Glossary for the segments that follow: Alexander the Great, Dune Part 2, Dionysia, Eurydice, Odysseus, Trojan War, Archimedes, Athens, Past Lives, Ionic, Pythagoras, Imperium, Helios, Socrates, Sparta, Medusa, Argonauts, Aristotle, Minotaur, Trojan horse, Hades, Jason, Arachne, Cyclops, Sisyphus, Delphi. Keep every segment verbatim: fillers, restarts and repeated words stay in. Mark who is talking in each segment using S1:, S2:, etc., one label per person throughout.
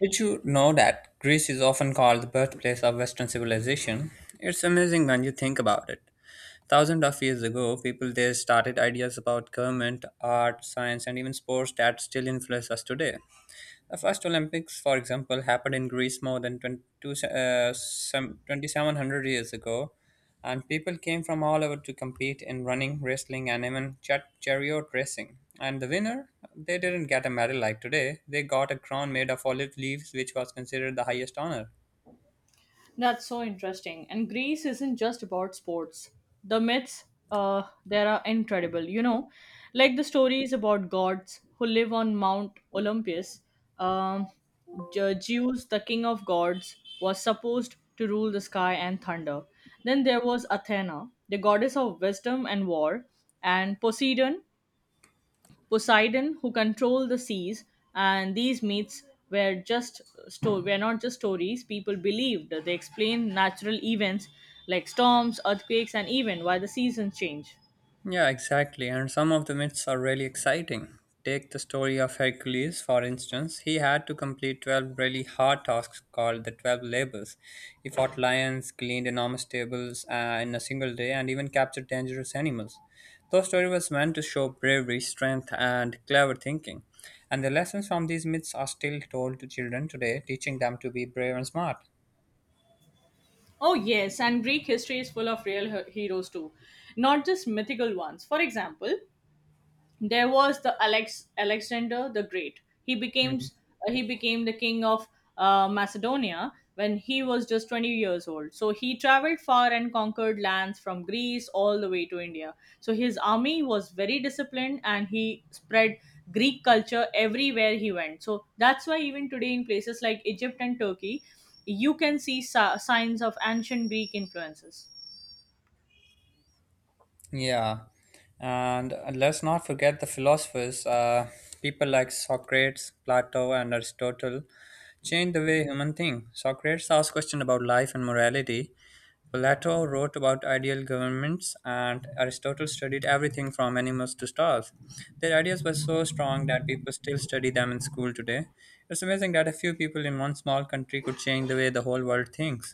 S1: Did you know that Greece is often called the birthplace of Western civilization? It's amazing when you think about it. Thousands of years ago, people there started ideas about government, art, science, and even sports that still influence us today. The first Olympics, for example, happened in Greece more than twenty-two, uh, some twenty-seven hundred years ago, and people came from all over to compete in running, wrestling, and even char- chariot racing. And the winner, they didn't get a medal like today. They got a crown made of olive leaves, which was considered the highest honor.
S2: That's so interesting. And Greece isn't just about sports. The myths uh, there are incredible, you know, like the stories about gods who live on Mount Olympus. Um, Je- Zeus, the king of gods, was supposed to rule the sky and thunder. Then there was Athena, the goddess of wisdom and war, and Poseidon, Poseidon who controlled the seas, and these myths were just sto- were not just stories. People believed they explained natural events like storms, earthquakes, and even why the seasons change.
S1: Yeah, exactly. And some of the myths are really exciting. Take the story of Hercules, for instance. He had to complete twelve really hard tasks called the twelve labors. He fought lions, cleaned enormous tables uh, in a single day, and even captured dangerous animals. The story was meant to show bravery, strength, and clever thinking. And the lessons from these myths are still told to children today, teaching them to be brave and smart.
S2: Oh, yes, and Greek history is full of real he- heroes too, not just mythical ones. For example, there was the Alex Alexander the Great. He became
S1: Mm-hmm.
S2: uh, he became the king of uh, Macedonia when he was just twenty years old. So he traveled far and conquered lands from Greece all the way to India. So his army was very disciplined and he spread Greek culture everywhere he went. So that's why even today in places like Egypt and Turkey, you can see si- signs of ancient Greek influences.
S1: Yeah, and uh, let's not forget the philosophers. Uh, people like Socrates, Plato, and Aristotle changed the way human think. Socrates asked questions about life and morality. Plato wrote about ideal governments, and Aristotle studied everything from animals to stars. Their ideas were so strong that people still study them in school today. It's amazing that a few people in one small country could change the way the whole world thinks.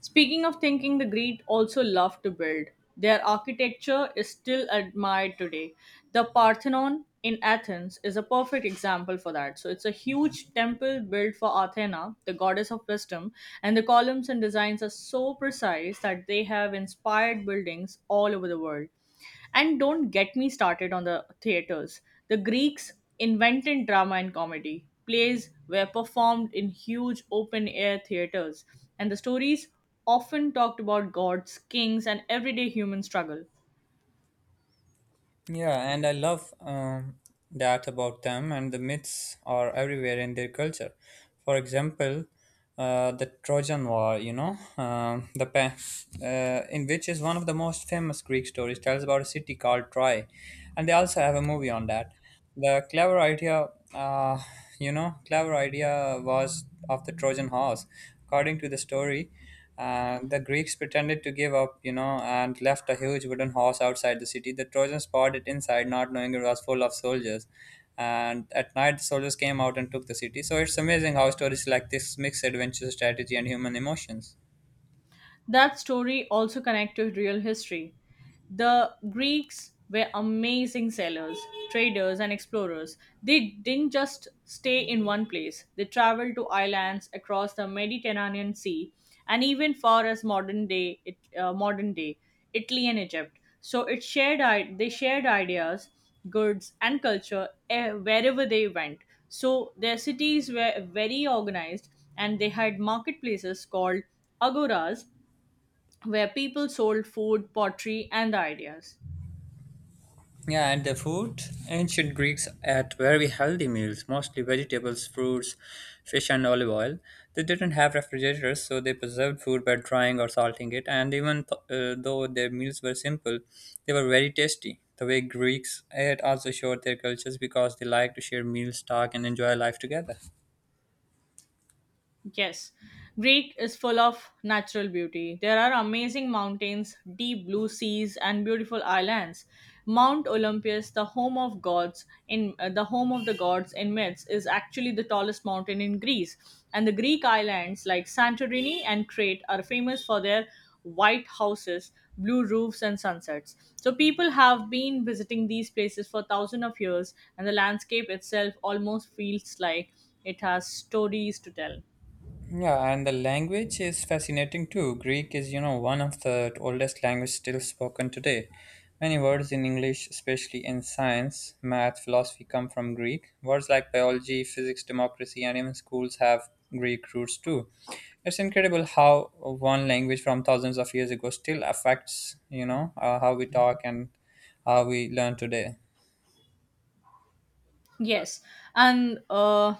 S2: Speaking of thinking, the Greek also loved to build. Their architecture is still admired today. The Parthenon in Athens is a perfect example for that. So it's a huge temple built for Athena, the goddess of wisdom, and the columns and designs are so precise that they have inspired buildings all over the world. And don't get me started on the theaters. The Greeks invented drama and comedy. Plays were performed in huge open air theaters, and the stories often talked about gods, kings, and everyday human struggle.
S1: Yeah, and I love um, that about them, and the myths are everywhere in their culture. For example, uh, the Trojan War, you know, um, the pa- uh, in which is one of the most famous Greek stories, tells about a city called Troy, and they also have a movie on that. The clever idea, uh, you know, clever idea was of the Trojan horse. According to the story, and the Greeks pretended to give up, you know, and left a huge wooden horse outside the city. The Trojans poured it inside, not knowing it was full of soldiers. And at night, the soldiers came out and took the city. So it's amazing how stories like this mix adventure strategy and human emotions.
S2: That story also connects to real history. The Greeks were amazing sailors, traders, and explorers. They didn't just stay in one place, they traveled to islands across the Mediterranean Sea and even far as modern day, it, uh, modern day Italy and Egypt. So it shared, i- they shared ideas, goods, and culture eh, wherever they went. So their cities were very organized and they had marketplaces called agoras where people sold food, pottery, and ideas.
S1: Yeah, and the food. Ancient Greeks ate very healthy meals, mostly vegetables, fruits, fish, and olive oil. They didn't have refrigerators, so they preserved food by drying or salting it. And even uh, though their meals were simple, they were very tasty. The way Greeks ate also showed their cultures because they liked to share meals, talk, and enjoy life together.
S2: Yes, Greece is full of natural beauty. There are amazing mountains, deep blue seas, and beautiful islands. Mount Olympus, the home of gods in uh, the home of the gods in myths, is actually the tallest mountain in Greece. And the Greek islands like Santorini and Crete are famous for their white houses, blue roofs, and sunsets. So people have been visiting these places for thousands of years, and the landscape itself almost feels like it has stories to tell.
S1: Yeah, and the language is fascinating too. Greek is, you know, one of the oldest languages still spoken today. Many words in English, especially in science, math, philosophy, come from Greek. Words like biology, physics, democracy, and even schools have Greek roots too. It's incredible how one language from thousands of years ago still affects, you know, uh, how we talk and how we learn today.
S2: Yes, and uh,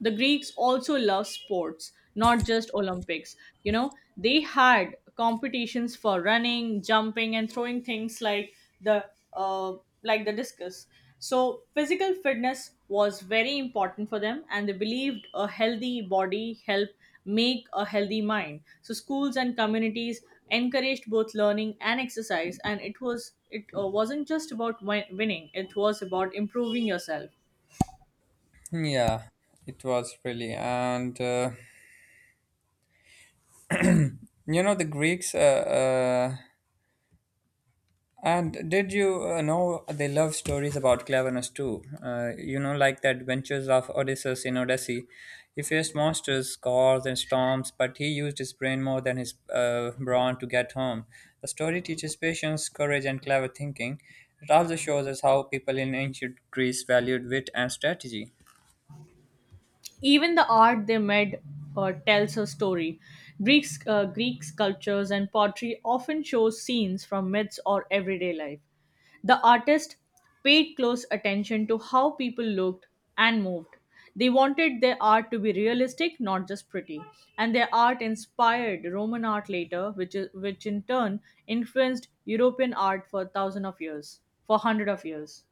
S2: the Greeks also love sports, not just Olympics. You know, they had competitions for running, jumping, and throwing things like the uh, like the discus. So physical fitness was very important for them, and they believed a healthy body help make a healthy mind. So schools and communities encouraged both learning and exercise, and it was it uh, wasn't just about win- winning; it was about improving yourself.
S1: Yeah, it was really. And, uh, you know, the Greeks uh, uh, And did you uh, know they love stories about cleverness too? Uh, you know, like the adventures of Odysseus in Odyssey. He faced monsters, scars, and storms, but he used his brain more than his uh, brawn to get home. The story teaches patience, courage, and clever thinking. It also shows us how people in ancient Greece valued wit and strategy.
S2: Even the art they made uh, tells a story. Greeks, uh, Greek sculptures and pottery often show scenes from myths or everyday life. The artist paid close attention to how people looked and moved. They wanted their art to be realistic, not just pretty. And their art inspired Roman art later, which, is, which in turn influenced European art for thousands of years, for hundreds of years.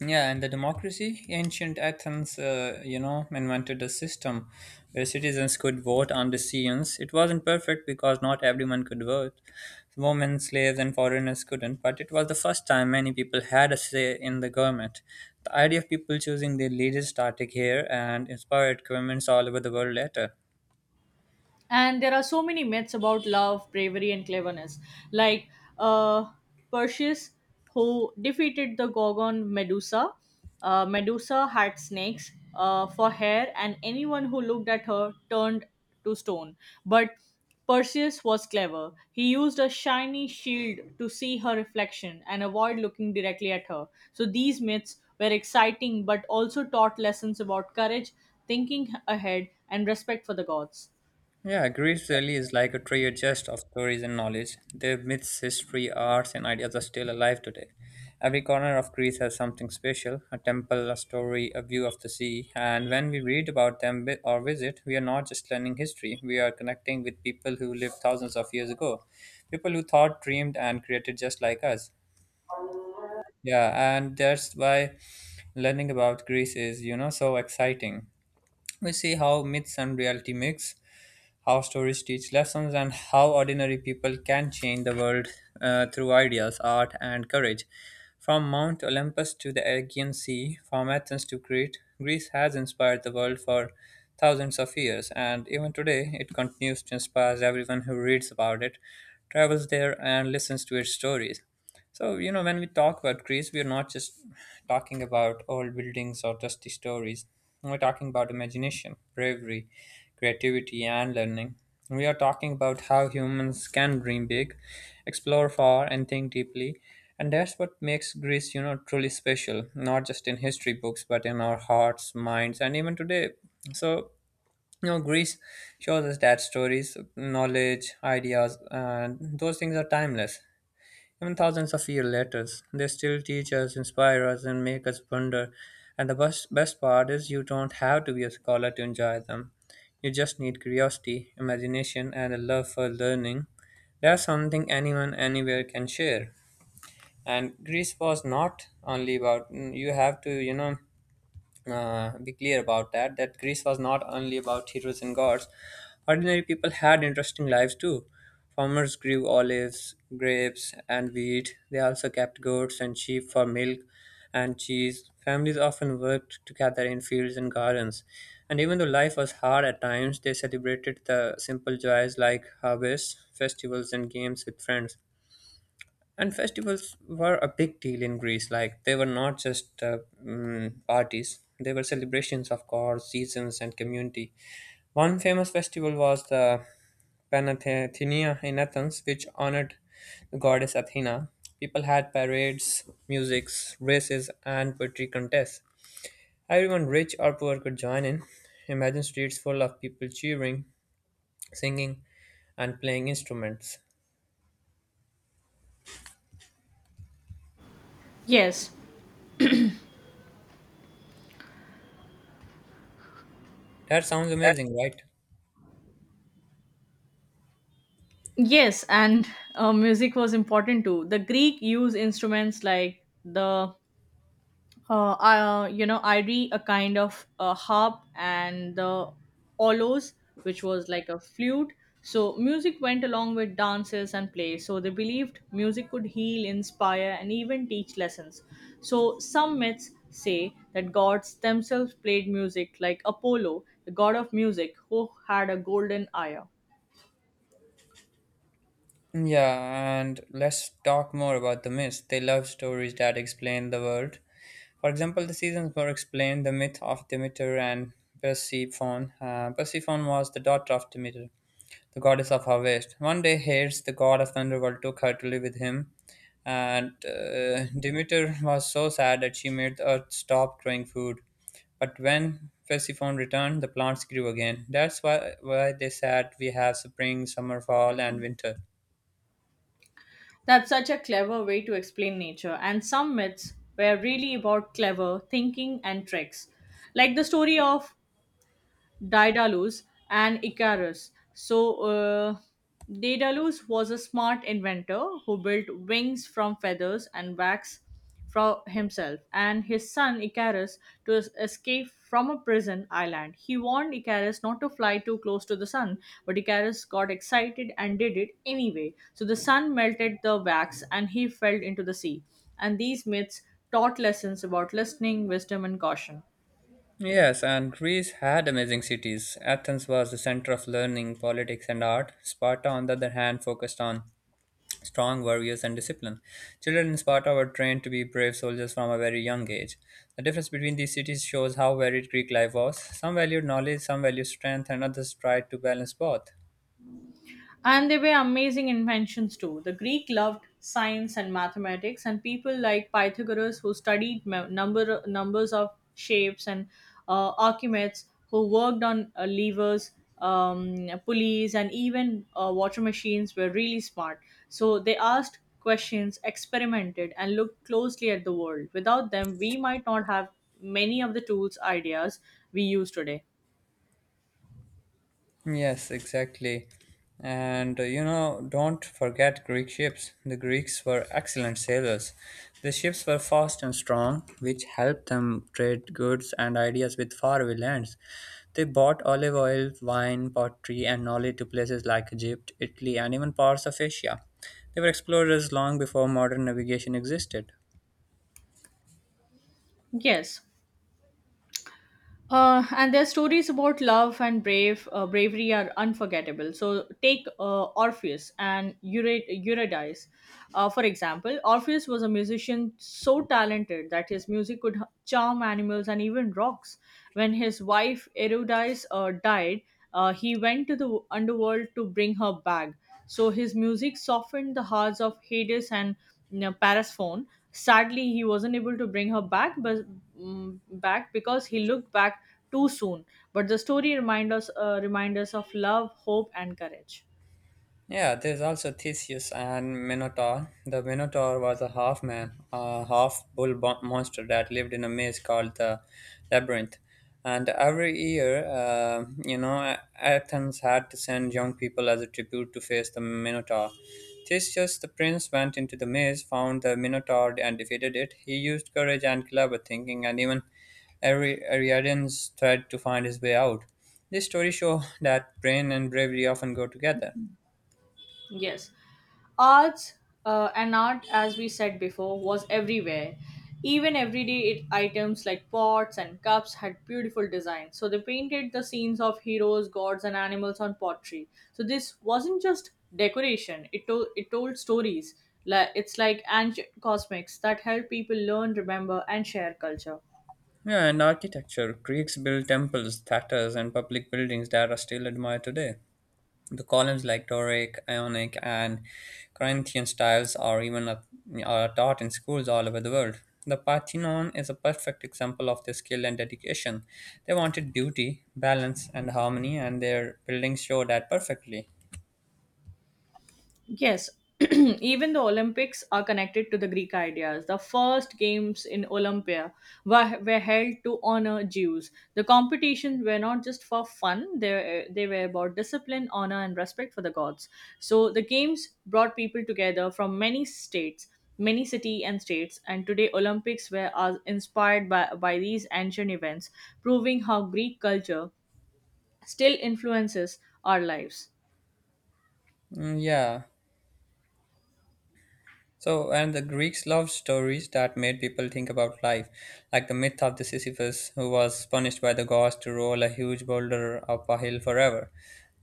S1: Yeah, and the democracy, ancient Athens, uh, you know, invented a system where citizens could vote on decisions. It wasn't perfect because not everyone could vote. Women, slaves, and foreigners couldn't, but it was the first time many people had a say in the government. The idea of people choosing their leaders started here and inspired governments all over the world later.
S2: And there are so many myths about love, bravery, and cleverness, like uh, Perseus, who defeated the gorgon Medusa. uh, Medusa had snakes uh, for hair, and anyone who looked at her turned to stone. But Perseus was clever. He used a shiny shield to see her reflection and avoid looking directly at her. So these myths were exciting, but also taught lessons about courage, thinking ahead, and respect for the gods.
S1: Yeah, Greece really is like a treasure chest of stories and knowledge. Their myths, history, arts, and ideas are still alive today. Every corner of Greece has something special: a temple, a story, a view of the sea. And when we read about them vi- or visit, we are not just learning history, we are connecting with people who lived thousands of years ago, people who thought, dreamed, and created just like us. Yeah, and that's why learning about Greece is, you know, so exciting. We see how myths and reality mix, how stories teach lessons, and how ordinary people can change the world uh, through ideas, art, and courage. From Mount Olympus to the Aegean Sea, from Athens to Crete, Greece has inspired the world for thousands of years, and even today it continues to inspire everyone who reads about it, travels there, and listens to its stories. So, you know, when we talk about Greece, we're not just talking about old buildings or dusty stories. We're talking about imagination, bravery, creativity, and learning. We are talking about how humans can dream big, explore far, and think deeply. And that's what makes Greece, you know, truly special, not just in history books, but in our hearts, minds, and even today. So, you know, Greece shows us that stories, knowledge, ideas, and those things are timeless. Even thousands of years later, they still teach us, inspire us, and make us wonder. And the best, best part is you don't have to be a scholar to enjoy them. You just need curiosity, imagination, and a love for learning. That's something anyone anywhere can share. And Greece was not only about mm, you have to you know uh, be clear about that that Greece was not only about heroes and gods. Ordinary people had interesting lives too. Farmers grew olives, grapes, and wheat. They also kept goats and sheep for milk and cheese. Families often worked together in fields and gardens. And even though life was hard at times, they celebrated the simple joys like harvests, festivals, and games with friends. And festivals were a big deal in Greece. Like, they were not just uh, mm, parties; they were celebrations of gods, seasons, and community. One famous festival was the Panathenia in Athens, which honored the goddess Athena. People had parades, musics, races, and poetry contests. Everyone, rich or poor, could join in. Imagine streets full of people cheering, singing, and playing instruments.
S2: Yes,
S1: That sounds amazing, right?
S2: yes, and uh, music was important too. The Greek used instruments like the uh, uh, you know iri, a kind of uh, harp, and the olos, which was like a flute. So music went along with dances and plays. So they believed music could heal, inspire, and even teach lessons. So some myths say that gods themselves played music, like Apollo, the god of music, who had a golden lyre.
S1: Yeah, and let's talk more about the myths. They love stories that explain the world. For example, the seasons were explained the myth of Demeter and Persephone. Uh, Persephone was the daughter of Demeter, the goddess of harvest. One day, Hades, the god of underworld, took her to live with him. And uh, Demeter was so sad that she made the earth stop growing food. But when Persephone returned, the plants grew again. That's why, why they said we have spring, summer, fall, and winter.
S2: That's such a clever way to explain nature, and some myths were really about clever thinking and tricks, like the story of Daedalus and Icarus. So, uh, Daedalus was a smart inventor who built wings from feathers and wax for himself and his son Icarus to es- escape from a prison island. He warned Icarus not to fly too close to the sun, but Icarus got excited and did it anyway. So the sun melted the wax and he fell into the sea. And these myths taught lessons about listening, wisdom, and caution.
S1: Yes, and Greece had amazing cities. Athens was the center of learning, politics, and art. Sparta, on the other hand, focused on strong warriors and discipline. Children in Sparta were trained to be brave soldiers from a very young age. The difference between these cities shows how varied Greek life was. Some valued knowledge, some valued strength, and others tried to balance both.
S2: And they were amazing inventions too. The Greek loved science and mathematics, and people like Pythagoras, who studied m- number numbers of shapes, and uh, Archimedes, who worked on uh, levers, um, pulleys, and even uh, water machines were really smart. So they asked questions, experimented, and looked closely at the world. Without them, we might not have many of the tools ideas we use today.
S1: Yes, exactly. And uh, you know, don't forget Greek ships. The Greeks were excellent sailors. The ships were fast and strong, which helped them trade goods and ideas with faraway lands. They bought olive oil, wine, pottery, and knowledge to places like Egypt, Italy, and even parts of Asia. They were explorers long before modern navigation existed.
S2: Yes. Uh, and their stories about love and brave uh, bravery are unforgettable. So take uh, Orpheus and Eury- Eurydice, uh, for example. Orpheus was a musician so talented that his music could h- charm animals and even rocks. When his wife Eurydice uh, died, uh, he went to the underworld to bring her back. So his music softened the hearts of Hades and, you know, Paris phone. Sadly, he wasn't able to bring her back, but mm back because he looked back too soon. But the story reminds us, uh, remind us of love, hope, and courage.
S1: Yeah, there's also Theseus and Minotaur. The Minotaur was a half man, a half bull bo- monster that lived in a maze called the Labyrinth. And every year, uh, you know, Athens had to send young people as a tribute to face the Minotaur. Theseus, the prince, went into the maze, found the Minotaur, and defeated it. He used courage and clever thinking, and even Ari- Ariadne's thread to find his way out. This story show that brain and bravery often go together.
S2: Yes. Arts uh, and art, as we said before, was everywhere. Even everyday it, items like pots and cups had beautiful designs. So they painted the scenes of heroes, gods, and animals on pottery. So this wasn't just decoration, it, to- it told stories. Like It's like ancient cosmics that help people learn, remember, and share culture.
S1: Yeah, and architecture. Greeks built temples, theaters, and public buildings that are still admired today. The columns like Doric, Ionic, and Corinthian styles are even a- are taught in schools all over the world. The Parthenon is a perfect example of their skill and dedication. They wanted beauty, balance, and harmony, and their buildings show that perfectly.
S2: Yes, even the Olympics are connected to the Greek ideas. The first games in Olympia were, were held to honor Jews. The competitions were not just for fun, they, they were about discipline, honor, and respect for the gods. So the games brought people together from many states, many city and states, and today Olympics were are inspired by, by these ancient events, proving how Greek culture still influences our lives.
S1: Mm, yeah, so, and the Greeks loved stories that made people think about life, like the myth of the Sisyphus who was punished by the gods to roll a huge boulder up a hill forever.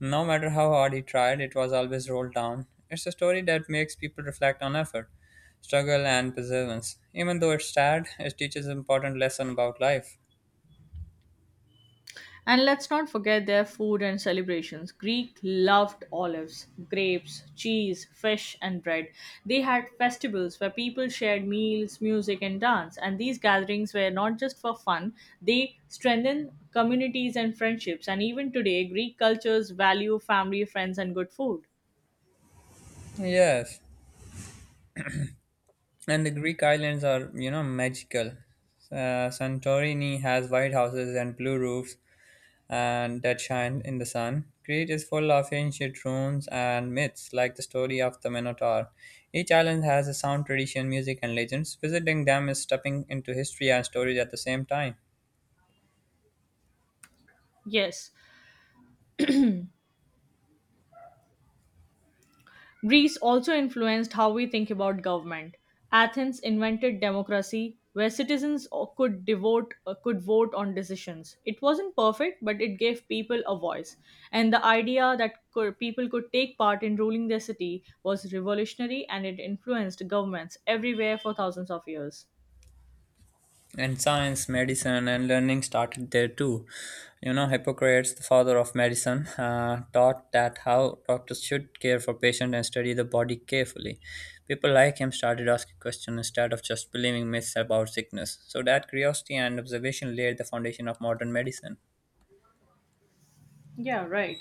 S1: No matter how hard he tried, it was always rolled down. It's a story that makes people reflect on effort, struggle, and perseverance. Even though it's sad, it teaches an important lesson about life.
S2: And let's not forget their food and celebrations. Greek loved olives, grapes, cheese, fish, and bread. They had festivals where people shared meals, music, and dance. And these gatherings were not just for fun, they strengthened communities and friendships. And even today, Greek cultures value family, friends, and good food.
S1: Yes. And the Greek islands are, you know, magical. Uh, Santorini has white houses and blue roofs and that shine in the sun. Crete is full of ancient ruins and myths, like the story of the Minotaur. Each island has a sound, tradition, music, and legends. Visiting them is stepping into history and stories at the same time.
S2: Yes, Greece also influenced how we think about government. Athens invented democracy where citizens o- could devote uh, could vote on decisions. It wasn't perfect, but it gave people a voice. And the idea that could, people could take part in ruling their city was revolutionary, and it influenced governments everywhere for thousands of years.
S1: And science, medicine, and learning started there too. You know, Hippocrates, the father of medicine, uh, taught that how doctors should care for patients and study the body carefully. People like him started asking questions instead of just believing myths about sickness, so that curiosity and observation laid the foundation of modern medicine.
S2: Yeah, right.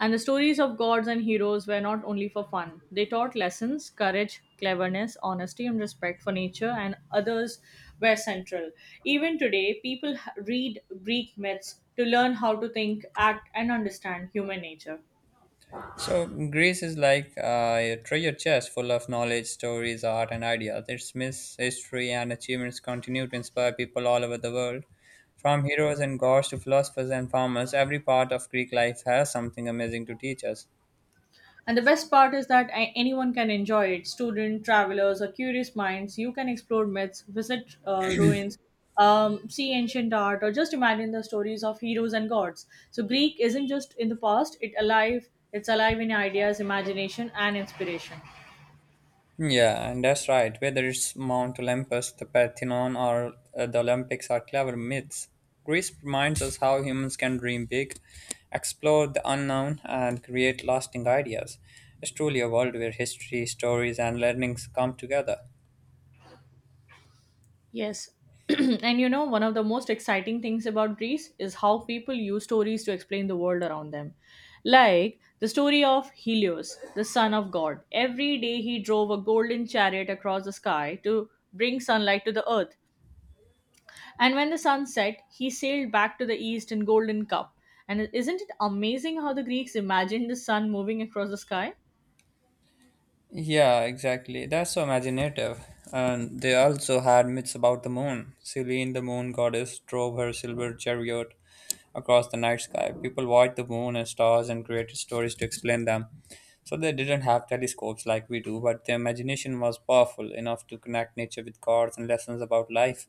S2: And the stories of gods and heroes were not only for fun. They taught lessons, courage, cleverness, honesty, and respect for nature, and others were central. Even today, people h- read Greek myths to learn how to think, act, and understand human nature.
S1: So Greece is like uh, a treasure chest full of knowledge, stories, art, and ideas. Its myths, history, and achievements continue to inspire people all over the world. From heroes and gods to philosophers and farmers, every part of Greek life has something amazing to teach us.
S2: And the best part is that a- anyone can enjoy it, student, travelers, or curious minds. You can explore myths, visit uh, ruins, um, see ancient art, or just imagine the stories of heroes and gods. So, Greek isn't just in the past, it alive, it's alive in ideas, imagination, and inspiration.
S1: Yeah, and that's right. Whether it's Mount Olympus, the Parthenon, or uh, the Olympics are clever myths. Greece reminds us how humans can dream big, explore the unknown, and create lasting ideas. It's truly a world where history, stories, and learnings come together.
S2: Yes. And, you know, one of the most exciting things about Greece is how people use stories to explain the world around them. Like the story of Helios, the son of God. Every day he drove a golden chariot across the sky to bring sunlight to the earth. And when the sun set, he sailed back to the east in golden cup. And isn't it amazing how the Greeks imagined the sun moving across the sky?
S1: Yeah, exactly. That's so imaginative. And they also had myths about the moon. Selene, the moon goddess, drove her silver chariot across the night sky. People watched the moon and stars and created stories to explain them. So they didn't have telescopes like we do, but their imagination was powerful enough to connect nature with gods and lessons about life.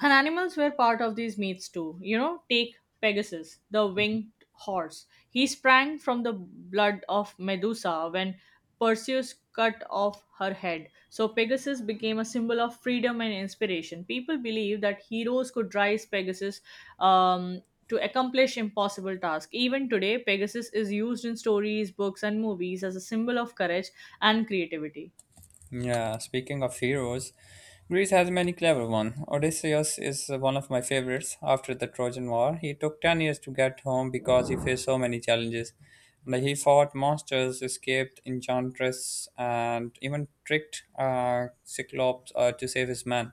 S2: And animals were part of these myths too. You know, take Pegasus, the winged horse. He sprang from the blood of Medusa when Perseus cut off her head. So Pegasus became a symbol of freedom and inspiration. People believe that heroes could rise Pegasus um, to accomplish impossible tasks. Even today, Pegasus is used in stories, books, and movies as a symbol of courage and creativity.
S1: Yeah, speaking of heroes, Greece has many clever ones. Odysseus is one of my favorites. After the Trojan War, he took ten years to get home because he faced so many challenges. Like, he fought monsters, escaped enchantress, and even tricked uh, Cyclops uh, to save his man.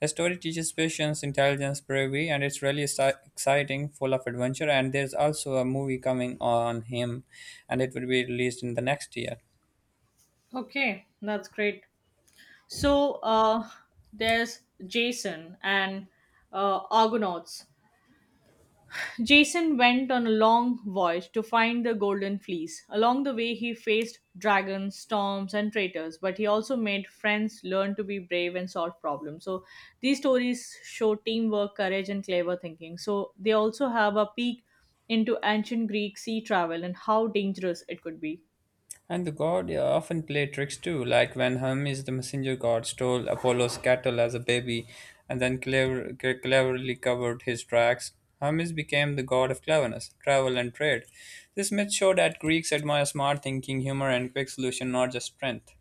S1: The story teaches patience, intelligence, bravery, and it's really exci- exciting, full of adventure. And there's also a movie coming on him, and it will be released in the next year.
S2: Okay, that's great. So uh, there's Jason and uh, Argonauts. Jason went on a long voyage to find the Golden Fleece. Along the way, he faced dragons, storms, and traitors, but he also made friends, learned to be brave, and solve problems. So these stories show teamwork, courage, and clever thinking. So they also have a peek into ancient Greek sea travel and how dangerous it could be.
S1: And the god, yeah, often played tricks too, like when Hermes, the messenger god, stole Apollo's cattle as a baby and then clever, c- cleverly covered his tracks. Hermes became the god of cleverness, travel, and trade. This myth showed that Greeks admire smart thinking, humor, and quick solution, not just strength.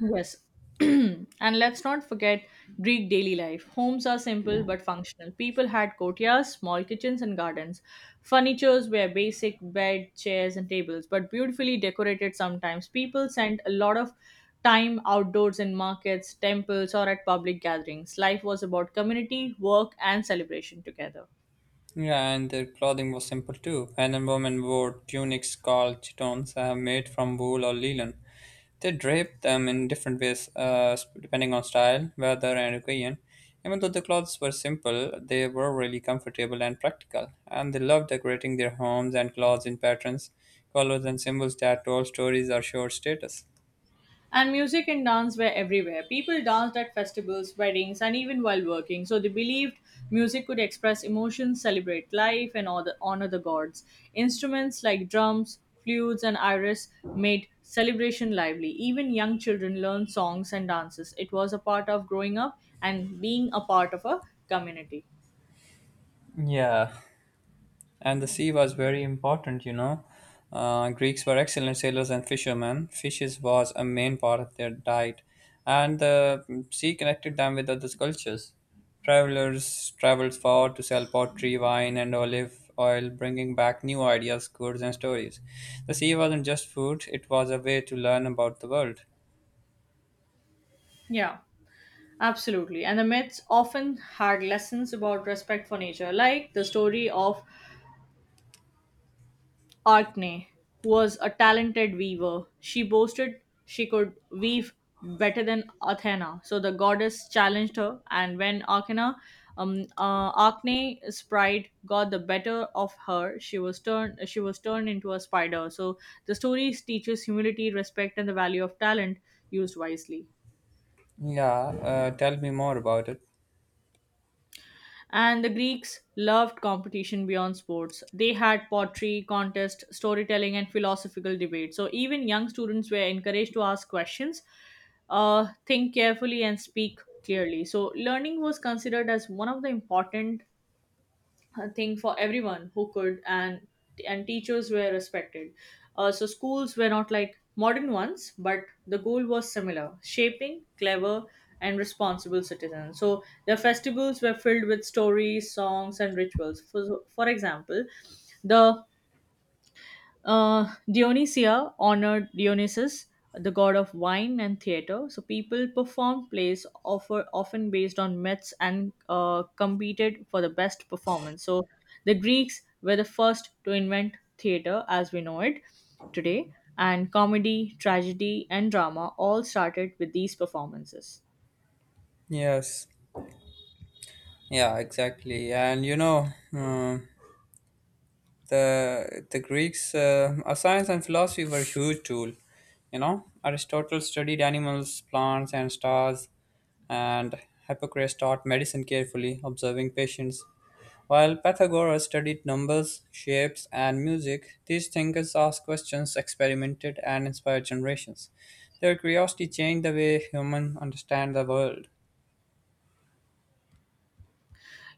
S2: Yes. And let's not forget Greek daily life. Homes are simple but functional. People had courtyards, small kitchens, and gardens. Furnitures were basic bed, chairs, and tables, but beautifully decorated sometimes. People spent a lot of time outdoors in markets, temples, or at public gatherings. Life was about community, work, and celebration together.
S1: Yeah, and their clothing was simple too. Men and women wore tunics called chitons, uh, made from wool or linen. They draped them in different ways uh, sp- depending on style, weather, and occasion. Even though the clothes were simple, they were really comfortable and practical, and they loved decorating their homes and clothes in patterns, colors, and symbols that told stories or showed status.
S2: And music and dance were everywhere. People danced at festivals, weddings, and even while working. So they believed music could express emotions, celebrate life, and all the- honor the gods. Instruments like drums, flutes, and iris made celebration lively. Even young children learned songs and dances. It was a part of growing up and being a part of a community.
S1: Yeah. And the sea was very important, you know. Uh, Greeks were excellent sailors and fishermen. Fishes was a main part of their diet, and the sea connected them with other cultures. Travelers traveled far to sell pottery, wine, and olive oil, bringing back new ideas, goods, and stories. The sea wasn't just food, it was a way to learn about the world.
S2: Yeah, absolutely. And the myths often had lessons about respect for nature, like the story of Artne was a talented weaver. She boasted she could weave better than Athena. So the goddess challenged her, and when Arcana, um, uh, Arcne's pride got the better of her, she was turned she was turned into a spider. So the story teaches humility, respect, and the value of talent used wisely.
S1: Yeah, uh, tell me more about it.
S2: And the Greeks loved competition beyond sports. They had pottery, contest, storytelling, and philosophical debate. So even young students were encouraged to ask questions, uh, think carefully, and speak clearly. So learning was considered as one of the important a thing for everyone who could and and teachers were respected, uh, so schools were not like modern ones, but the goal was similar, shaping clever and responsible citizens. So their festivals were filled with stories, songs, and rituals for, so, for example, the uh, Dionysia honored Dionysus, the god of wine and theater. So people performed plays offer, often based on myths and uh, competed for the best performance. So the Greeks were the first to invent theater as we know it today, and comedy, tragedy, and drama all started with these performances.
S1: Yes. Yeah, exactly. And you know, uh, the the Greeks, uh, uh, science and philosophy were a huge tool. You know, Aristotle studied animals, plants, and stars, and Hippocrates taught medicine carefully, observing patients. While Pythagoras studied numbers, shapes, and music, these thinkers asked questions, experimented, and inspired generations. Their curiosity changed the way humans understand the world.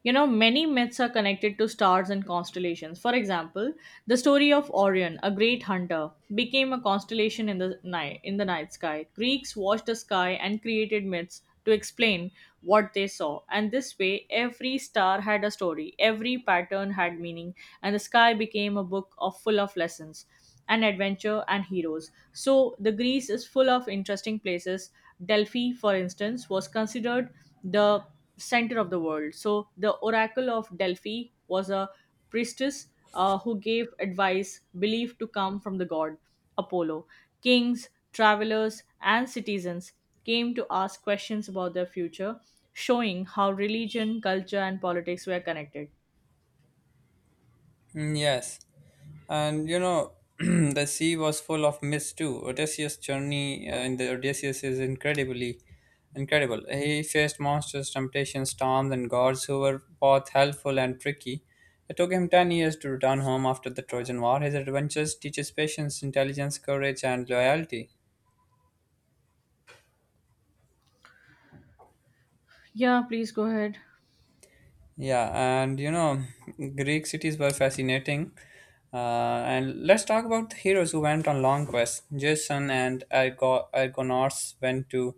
S2: You know, many myths are connected to stars and constellations. For example, the story of Orion, a great hunter, became a constellation in the night in the night sky. Greeks watched the sky and created myths to explain what they saw. And this way, every star had a story, every pattern had meaning, and the sky became a book of full of lessons and adventure and heroes. So the Greece is full of interesting places. Delphi, for instance, was considered the center of the world. So the oracle of Delphi was a priestess, uh, who gave advice believed to come from the god Apollo. Kings, travelers, and citizens came to ask questions about their future, showing how religion, culture, and politics were connected.
S1: Mm, yes, and you know, the sea was full of mist too. Odysseus' journey, uh, in the Odysseus, is incredibly incredible. He faced monsters, temptations, storms, and gods who were both helpful and tricky. It took him ten years to return home after the Trojan War. His adventures teaches patience, intelligence, courage, and loyalty.
S2: Yeah, please go ahead.
S1: Yeah, and you know, Greek cities were fascinating. Uh, and let's talk about the heroes who went on long quests. Jason and Argo- Argonauts went to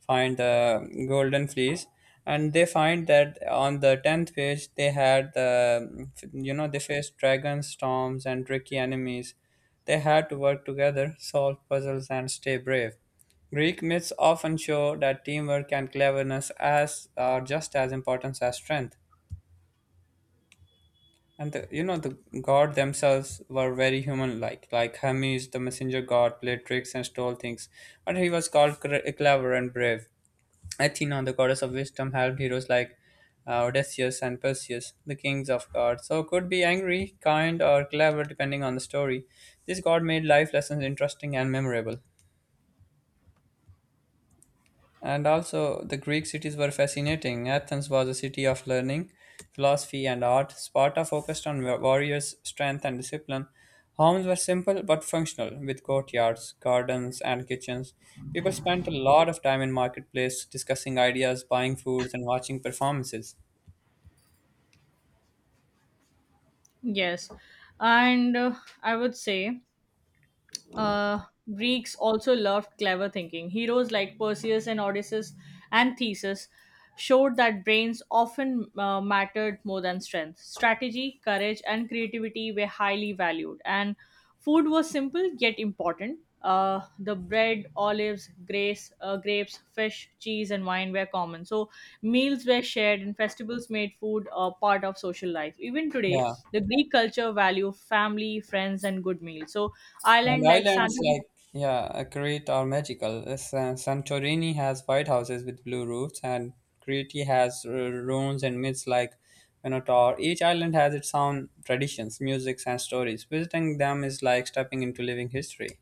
S1: find the Golden Fleece, and they find that on the tenth page they had the, you know, they faced dragons, storms, and tricky enemies. They had to work together, solve puzzles, and stay brave. Greek myths often show that teamwork and cleverness as are just as important as strength. And the, you know, the god themselves were very human-like. Like like Hermes, the messenger god, played tricks and stole things, but he was called cre- clever and brave. Athena, the goddess of wisdom, helped heroes like uh, Odysseus and Perseus, the kings of gods. So could be angry, kind, or clever depending on the story. This god made life lessons interesting and memorable. And also, the Greek cities were fascinating. Athens was a city of learning, philosophy, and art. Sparta focused on wa- warriors' strength and discipline. Homes were simple but functional, with courtyards, gardens, and kitchens. People spent a lot of time in marketplace discussing ideas, buying foods, and watching performances.
S2: Yes. And uh, I would say, Uh, Greeks also loved clever thinking. Heroes like Perseus and Odysseus and Theseus showed that brains often uh, mattered more than strength. Strategy, courage, and creativity were highly valued, and food was simple yet important, uh, the bread, olives, grace, uh, grapes, fish, cheese, and wine were common. So meals were shared, and festivals made food a part of social life. Even today,
S1: Yeah.
S2: the Greek culture value family, friends, and good meals. So
S1: And
S2: island like
S1: islands
S2: Santa,
S1: like, yeah, uh, Crete are magical. Uh, Sa- Santorini has white houses with blue roofs, and Crete has uh, ruins and myths like Minotaur. Each island has its own traditions, musics, and stories. Visiting them is like stepping into living history.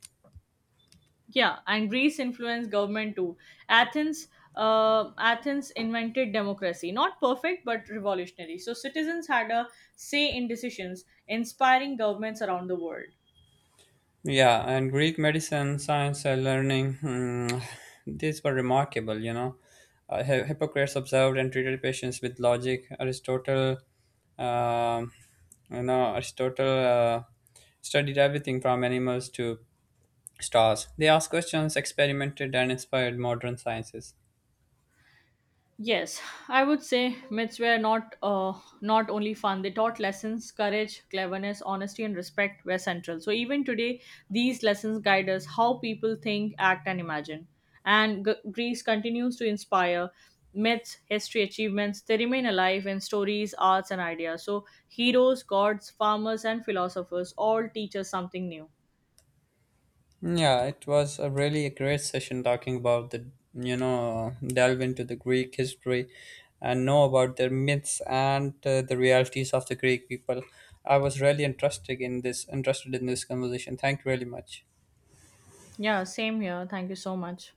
S2: yeah, and Greece influenced government too. Athens. Uh, Athens invented democracy, not perfect but revolutionary. So citizens had a say in decisions, inspiring governments around the world.
S1: Yeah, and Greek medicine, science, and learning, hmm, these were remarkable, you know. Uh, Hi- Hippocrates observed and treated patients with logic. Aristotle, um you know, Aristotle uh, studied everything from animals to stars. They asked questions, experimented, and inspired modern sciences.
S2: Yes, I would say myths were not uh, not only fun. They taught lessons, courage, cleverness, honesty, and respect were central. So even today, these lessons guide us how people think, act, and imagine. And G- Greece continues to inspire myths, history, achievements. They remain alive in stories, arts, and ideas. So heroes, gods, farmers, and philosophers all teach us something new.
S1: Yeah, it was a really a great session talking about the, you know, delve into the Greek history and know about their myths and uh, the realities of the Greek people. I was really interested in this, interested in this conversation. Thank you really much.
S2: Yeah, same here. Thank you so much.